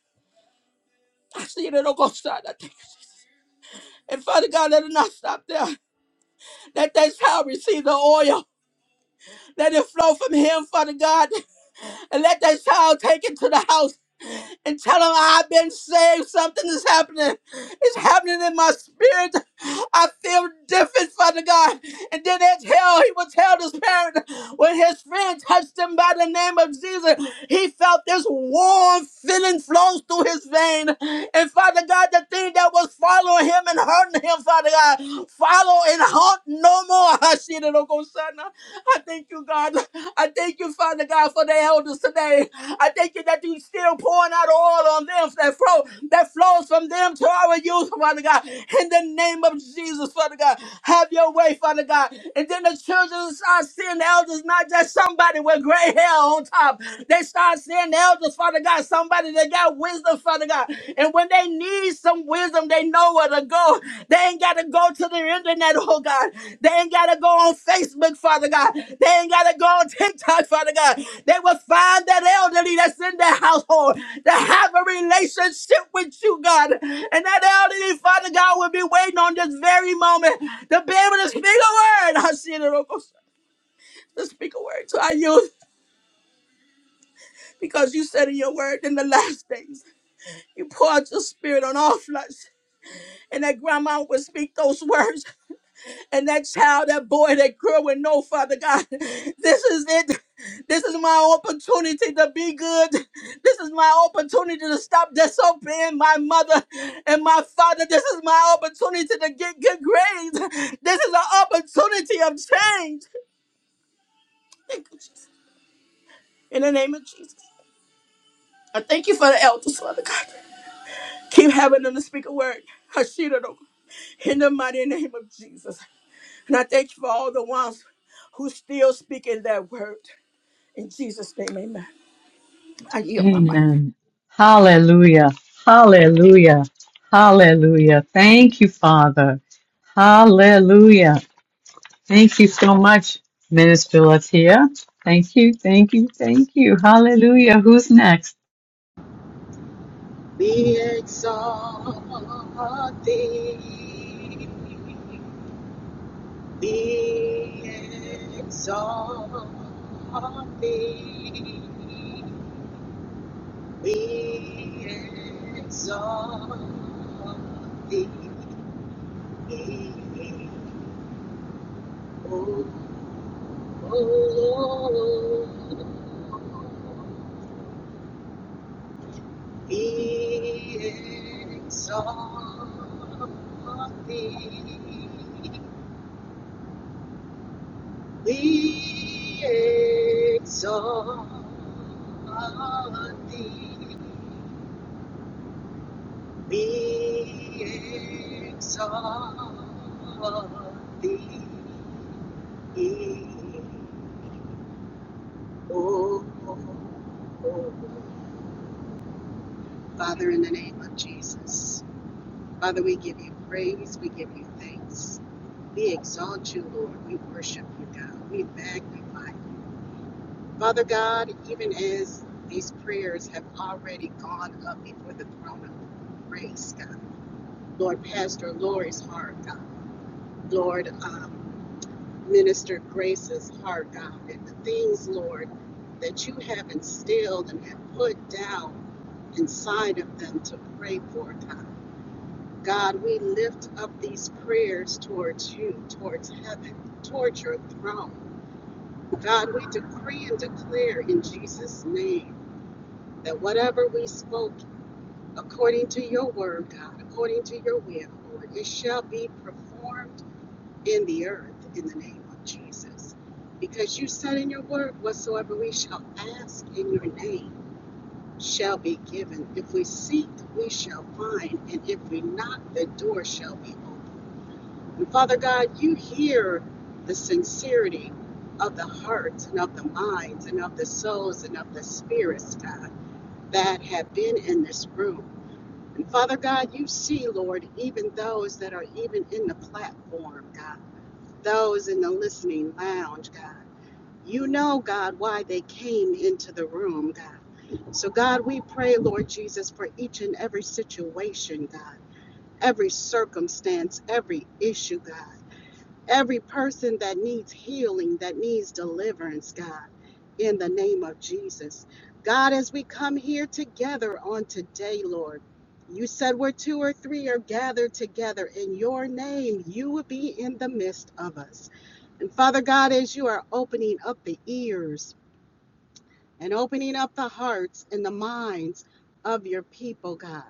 Speaker 2: I see it, oh God, son. And Father God, let it not stop there. Let that child receive the oil. Let it flow from him, Father God and let that child take it to the house and tell them I've been saved. Something is happening. It's happening in my spirit. I feel different, Father God. And then they tell, he will tell this parent when his friend touched him by the name of Jesus, he felt this warm feeling flows through his vein. And Father God, the thing that was following him and hurting him, Father God, follow and haunt no more. [LAUGHS] I thank you, God. I thank you, Father God, for the elders today. I thank you that you still pouring out oil on them that flow that flows from them to our youth, Father God. In the name of Jesus, Father God, have your way, Father God. And then the children start seeing the elders, not just somebody with gray hair on top. They start seeing the elders, Father God, somebody that got wisdom, Father God. And when they need some wisdom, they know where to go. They ain't got to go to the internet, oh God. They ain't got to go on Facebook, Father God. They ain't got to go on TikTok, Father God. They will find that elderly that's in their household that have a relationship with you, God. And that elderly, Father God, will be waiting on this very moment to be able to speak a word. I see it, oh God, to speak a word to our youth because you said in your word in the last days, you poured your spirit on all flesh. and that grandma would speak those words, and that child, that boy, that girl would know, Father God, [LAUGHS] this is it. This is my opportunity to be good. This is my opportunity to stop disobeying my mother and my father. This is my opportunity to get good grades. This is an opportunity of change. Thank you, Jesus. In the name of Jesus, I thank you for the elders, Father God. Keep having them to speak a word. Hashira, in the mighty name of Jesus. And I thank you for all the ones who still speaking that word. In Jesus' name, amen. I yield my mic.
Speaker 1: amen hallelujah hallelujah hallelujah thank you father hallelujah Thank you so much, Minister Latia. Thank you, thank you, thank you. Hallelujah. Who's next?
Speaker 3: Be exalted, be exalted. We exalt thee, O Lord. We exalt thee. We exalt thee. We exalt thee. Oh, Father, in the name of Jesus, Father, we give you praise, we give you thanks, we exalt you, Lord, we worship you, God, we magnify you. Father God, even as these prayers have already gone up before the throne of grace, God, Lord, Pastor Lori's heart, God, Lord, um, Minister Grace's heart, God, and the things, Lord, that you have instilled and have put down. inside of them to pray for, God. God, we lift up these prayers towards you, towards heaven, towards your throne. God, we decree and declare in Jesus' name that whatever we spoke according to your word, God, according to your will, Lord, it shall be performed in the earth in the name of Jesus. Because you said in your word, whatsoever we shall ask in your name. shall be given. If we seek, we shall find. And if we knock, the door shall be open. And Father God, you hear the sincerity of the hearts and of the minds and of the souls and of the spirits, God, that have been in this room. And Father God, you see, Lord, even those that are even in the platform, God, those in the listening lounge, God. You know, God, why they came into the room, God. So, God, we pray, Lord Jesus, for each and every situation, God, every circumstance, every issue, God, every person that needs healing, that needs deliverance, God, in the name of Jesus. God, as we come here together on today, Lord, you said where two or three are gathered together in your name, you will be in the midst of us. And Father God, as you are opening up the ears, and opening up the hearts and the minds of your people, God.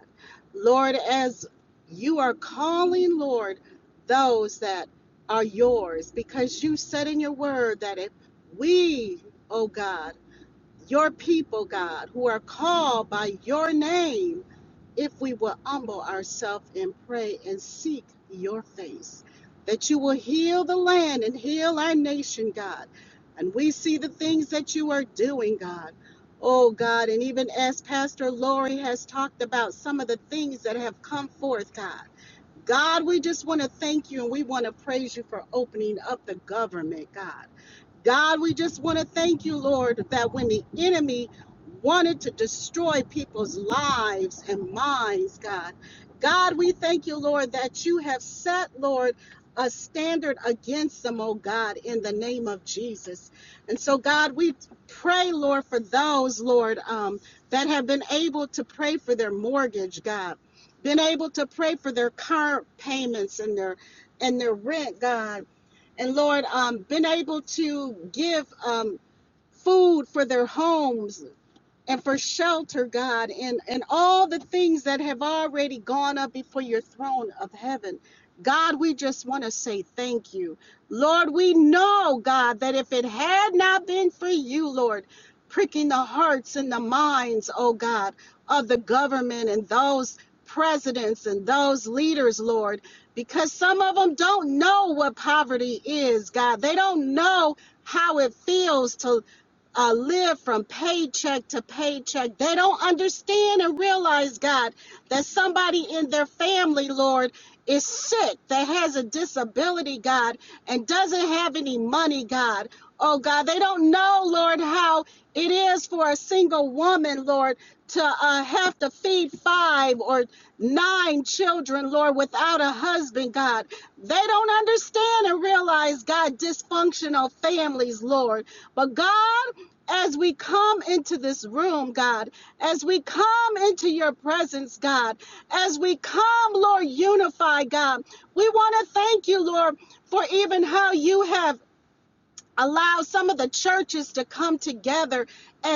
Speaker 3: Lord, as you are calling, Lord, those that are yours, because you said in your word that if we, oh God, your people, God, who are called by your name, if we will humble ourselves and pray and seek your face, that you will heal the land and heal our nation, God. And we see the things that you are doing, God. Oh, God, and even as Pastor Lori has talked about some of the things that have come forth, God. God, we just want to thank you and we want to praise you for opening up the government, God. God, we just want to thank you, Lord, that when the enemy wanted to destroy people's lives and minds, God, God, we thank you, Lord, that you have set, Lord, a standard against them, oh God, in the name of Jesus. And so, God, we pray, Lord, for those, Lord, um, that have been able to pray for their mortgage, God, been able to pray for their car payments and their and their rent, God and Lord, um, been able to give um, food for their homes and for shelter, God, and, and all the things that have already gone up before your throne of heaven. God, we just want to say thank you. Lord, we know, God, that if it had not been for you, Lord, pricking the hearts and the minds, oh God, of the government and those presidents and those leaders, Lord, because some of them don't know what poverty is, God. They don't know how it feels to uh, live from paycheck to paycheck. They don't understand and realize, God, that somebody in their family, Lord, is sick, that has a disability, God, and doesn't have any money, God. Oh, God, they don't know, Lord, how it is for a single woman, Lord, to uh, have to feed five or nine children, Lord, without a husband, God. They don't understand and realize, God, dysfunctional families, Lord. But God, as we come into this room, God, as we come into your presence, God, as we come, Lord, unified, God, we want to thank you, Lord, for even how you have allowed some of the churches to come together and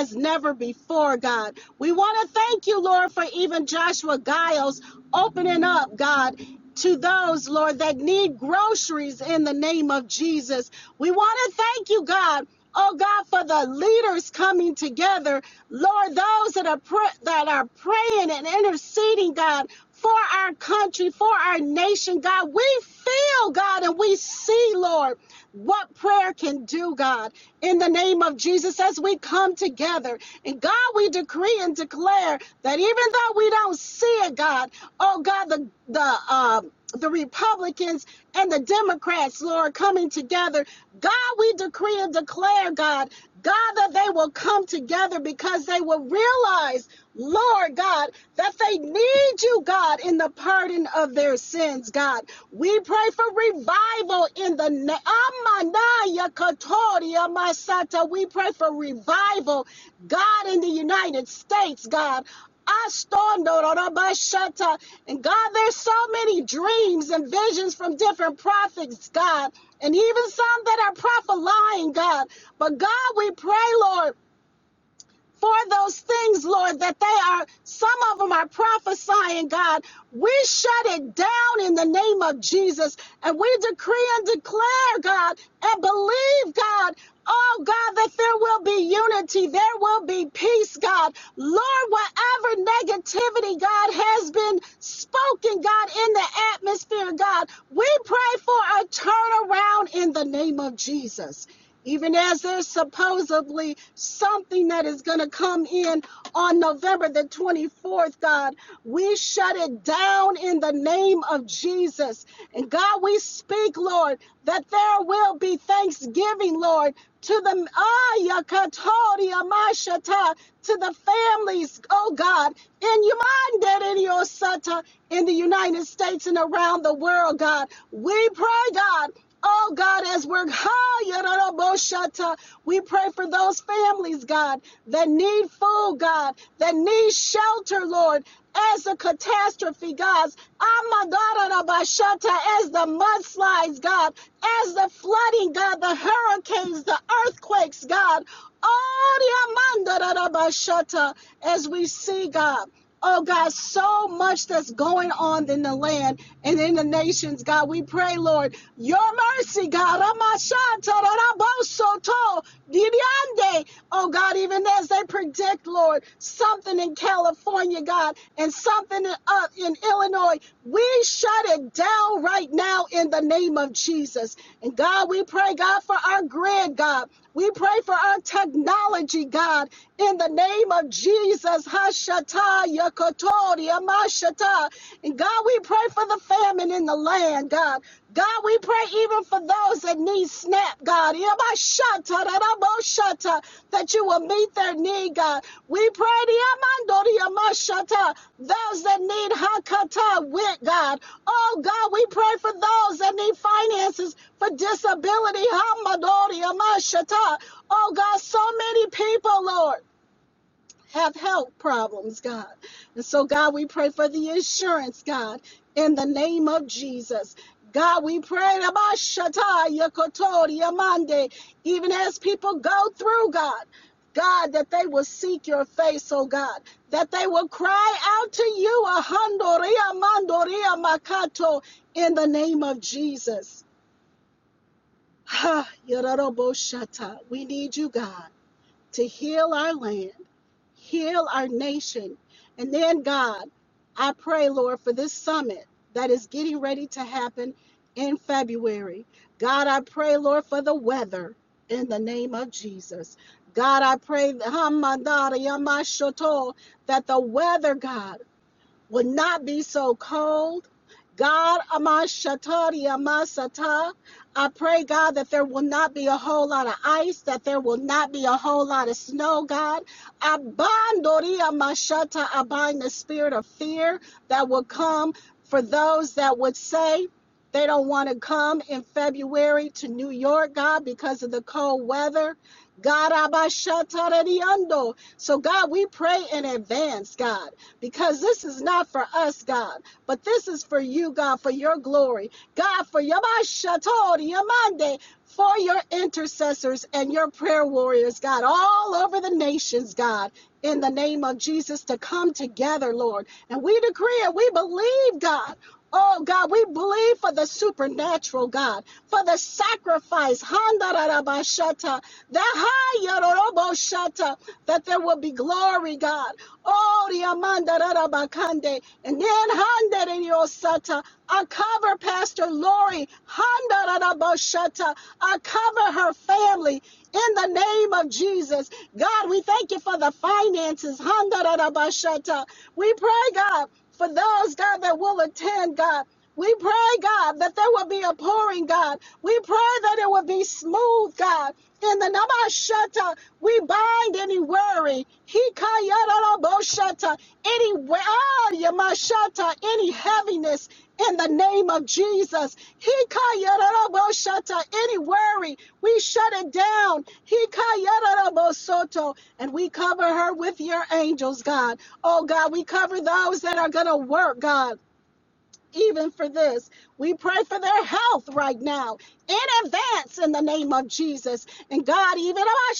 Speaker 3: God, in the name of Jesus, as we come together. And God, we decree and declare that even though we don't see it, God, oh God, the the um the Republicans and the Democrats, Lord, coming together. God, we decree and declare, God, God, that they will come together because they will realize, Lord God, that they need you, God, in the pardon of their sins, God. We pray for revival in the name. Haya Katoria Masata. We pray for revival, God, in the United States, God. Astondo Rorabashata. And God, there's so many dreams and visions from different prophets, God, and even some that are prophet God. But God, we pray, Lord for those things, Lord, that they are, some of them are prophesying, God. We shut it down in the name of Jesus and we decree and declare, God, and believe, God. Oh God, that there will be unity, there will be peace, God. Lord, whatever negativity, God, has been spoken, God, in the atmosphere, God, we pray for a turnaround in the name of Jesus even as there's supposedly something that is going to come in on November the 24th, God, we shut it down in the name of Jesus. And God, we speak, Lord, that there will be thanksgiving, Lord, to the Ayakatodi Amashata, to the families, oh God, in Yamanda in your Sata, in the United States and around the world, God. We pray, God. Oh God, as we're high, we pray for those families, God, that need food, God, that need shelter, Lord, as the catastrophe, God, as the mudslides, God, as the flooding, God, the hurricanes, the earthquakes, God, Oh, as we see, God. Oh God, so much that's going on in the land and in the nations, God. We pray, Lord, your mercy, God. Amashanta rarabosoto diriande. Oh God, even as they predict, Lord, something in California, God, and something in, uh, in Illinois, we shut it down right now in the name of Jesus. And God, we pray, God, for our grid, God. We pray for our technology, God, in the name of Jesus. Hashata Yakotori Amashata. And God, we pray for the famine in the land, God. God, we pray even for those that need SNAP, God. Yamashata, Raraboshata, That you will meet their need, God. We pray those that need Hakata with God. Oh God, we pray for those that need finances for disability. Oh God, so many people, Lord have health problems, God. And so, God, we pray for the insurance, God, in the name of Jesus. God, we pray about Shataya Kotoria Monday, even as people go through, God. God, that they will seek your face, oh God, that they will cry out to you, Ahandoria Mandoria Makato, in the name of Jesus. Ha, Yororobo Shata. We need you, God to heal our land, heal our nation. And then, God, I pray, Lord, for this summit that is getting ready to happen in February. God, I pray, Lord, for the weather in the name of Jesus. God, I pray that Hamadari Yamashoto, that the weather, God, would not be so cold. God, Amashatari Amasata, I pray, God, that there will not be a whole lot of ice, that there will not be a whole lot of snow, God. Abandori Amashata, I bind the spirit of fear that will come for those that would say, they don't want to come in February to New York, God, because of the cold weather. God, Abashatari Ando. So, God, we pray in advance, God because this is not for us, God, but this is for you, God, for your glory. God, for your Yamashata, Yamande, for your intercessors and your prayer warriors, God, all over the nations, God, in the name of Jesus, to come together, Lord. And we decree and we believe, God. Oh God, we believe for the supernatural, God, for the sacrifice, Handarabashata, the high that there will be glory, God. Oh, Riamanda Rarabakande. And then Handa Sata. I cover Pastor Lori. Handa Raraboshata. I cover her family in the name of Jesus. God, we thank you for the finances. Handarabashata. We pray, God, for those, God, that will attend, God. We pray, God, that there will be a pouring, God. We pray that it will be smooth, God. In the Namashata, we bind any worry. Hikayarabashata, any, we- ah, Yamashata, any heaviness in the name of Jesus. Hikayarabashata, Any worry, we shut it down. Hikayarabosoto, And we cover her with your angels, God. Oh, God, we cover those that are going to work, God even for this. We pray for their health right now in advance in the name of Jesus. And God, even our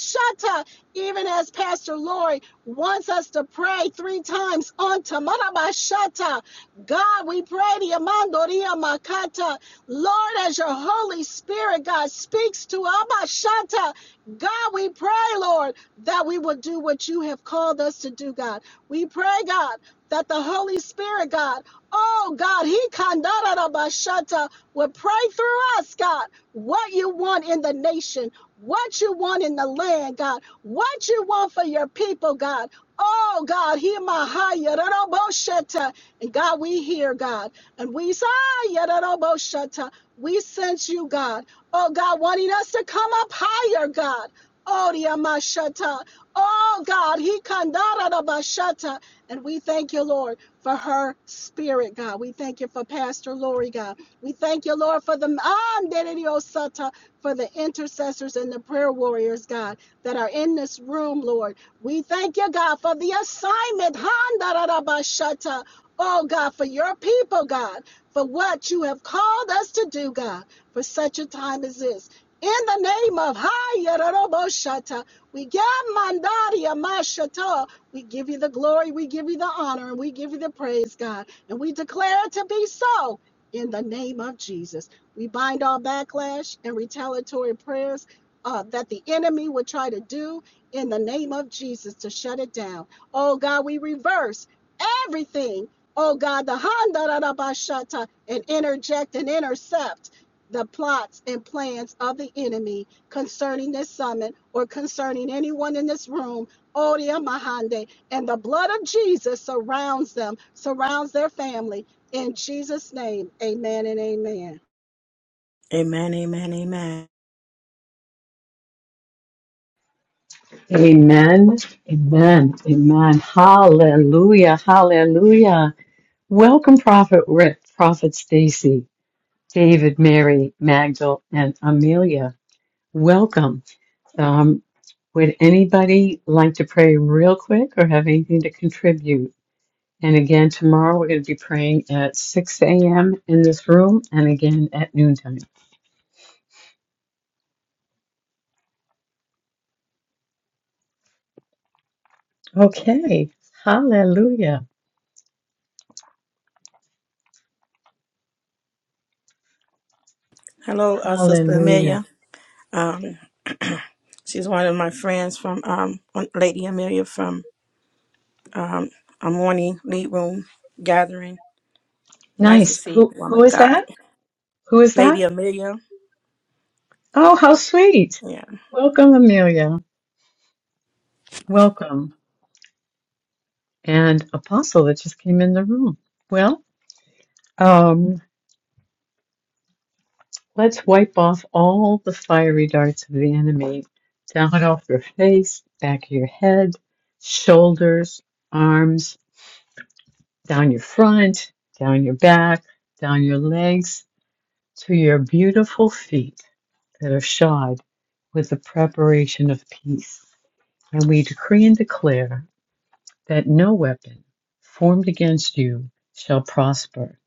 Speaker 3: even as Pastor Lori wants us to pray three times on Tamarabashata. God, we pray the Amandoria Makata. Lord, as your Holy Spirit, God, speaks to Abashata. God, we pray, Lord, that we will do what you have called us to do, God. We pray, God, that the Holy Spirit, God, oh God, He kandarabashata will pray through us, God, what you want in the nation, what you want in the land, God, what you want for your people, God. Oh God, He mahaya higher. And God, we hear God. And we say, "Ah, yadadaboshata." we sense you, God. Oh God, wanting us to come up higher, God. Oh, Diamashata. Oh God, he kandara and we thank you, Lord, for her spirit, God. We thank you for Pastor Lori, God. We thank you, Lord, for the um, dedediosata, for the intercessors and the prayer warriors, God, that are in this room, Lord. We thank you, God, for the assignment. Handarabashata. Oh, God, for your people, God, for what you have called us to do, God, for such a time as this. In the name of Hayarabo Shata, we give Mandari Mashata. We give you the glory, we give you the honor, and we give you the praise, God. And we declare it to be so in the name of Jesus. We bind all backlash and retaliatory prayers uh, that the enemy would try to do in the name of Jesus to shut it down. Oh God, we reverse everything. Oh God, the Handarabashata and interject and intercept the plots and plans of the enemy concerning this summit or concerning anyone in this room Odia Mahande. And the blood of Jesus surrounds them, surrounds their family. In Jesus' name, amen and amen.
Speaker 2: Amen, amen, amen.
Speaker 1: Amen, amen, amen. Hallelujah, hallelujah. Welcome, Prophet Rick, Prophet Stacy, David, Mary, Magdal, and Amelia. Welcome. Um, would anybody like to pray real quick or have anything to contribute? And again, tomorrow we're going to be praying at 6 a.m. in this room and again at noontime. Okay. Hallelujah.
Speaker 2: Hello, uh, Sister
Speaker 1: Hallelujah.
Speaker 2: Amelia. Um, she's one of my friends from um, Lady Amelia from um, a morning lead room gathering. Nice to
Speaker 1: Nice.
Speaker 2: see you,
Speaker 1: Who
Speaker 2: woman
Speaker 1: who
Speaker 2: of
Speaker 1: is
Speaker 2: God.
Speaker 1: that? Who is
Speaker 2: Lady
Speaker 1: that?
Speaker 2: Amelia.
Speaker 1: Oh, how sweet.
Speaker 2: Yeah.
Speaker 1: Welcome, Amelia. Welcome. And Apostle that just came in the room. Well, um, let's wipe off all the fiery darts of the enemy. Down off your face, back of your head, shoulders, arms, down your front, down your back, down your legs to your beautiful feet that are shod with the preparation of peace. And we decree and declare that no weapon formed against you shall prosper,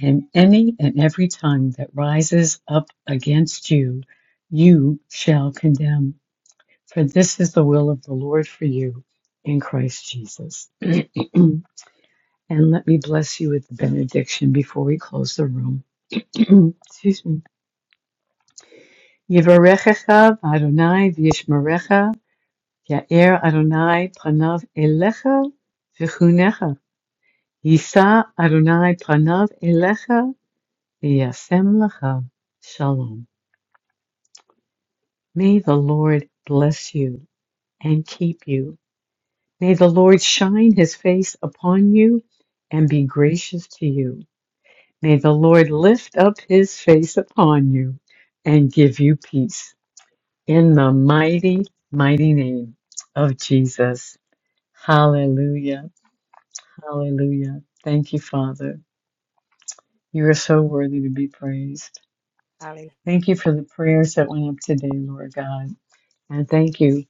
Speaker 1: and any and every tongue that rises up against you, you shall condemn. For this is the will of the Lord for you in Christ Jesus. [CLEARS THROAT] and let me bless you with the benediction before we close the room. [CLEARS THROAT] Excuse me. Yivarechecha Adonai v'yishmerecha, Ya'er Adonai pranav elecha v'chunecha, Yisa Adonai pranav elecha v'yasem lecha. Shalom. May the Lord bless you and keep you. May the Lord shine his face upon you and be gracious to you. May the Lord lift up his face upon you and give you peace. In the mighty, mighty name of Jesus. Hallelujah. Hallelujah. Thank you, Father. You are so worthy to be praised.
Speaker 2: Hallelujah.
Speaker 1: Thank you for the prayers that went up today, Lord God. And thank you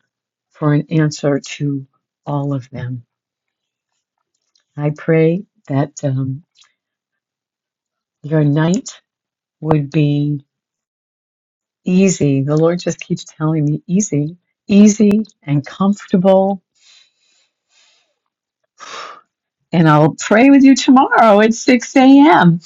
Speaker 1: for an answer to all of them. I pray that um, your night would be easy. The Lord just keeps telling me easy, easy and comfortable. And I'll pray with you tomorrow at 6 a.m.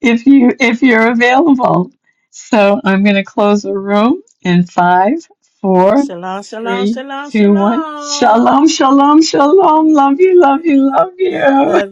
Speaker 1: if you if you're available. So I'm going to close the room in five, four,
Speaker 2: Shalom, shalom,
Speaker 1: three,
Speaker 2: shalom,
Speaker 1: two, one.
Speaker 2: shalom.
Speaker 1: Shalom, shalom, shalom. Love you, love you, love you.
Speaker 2: Love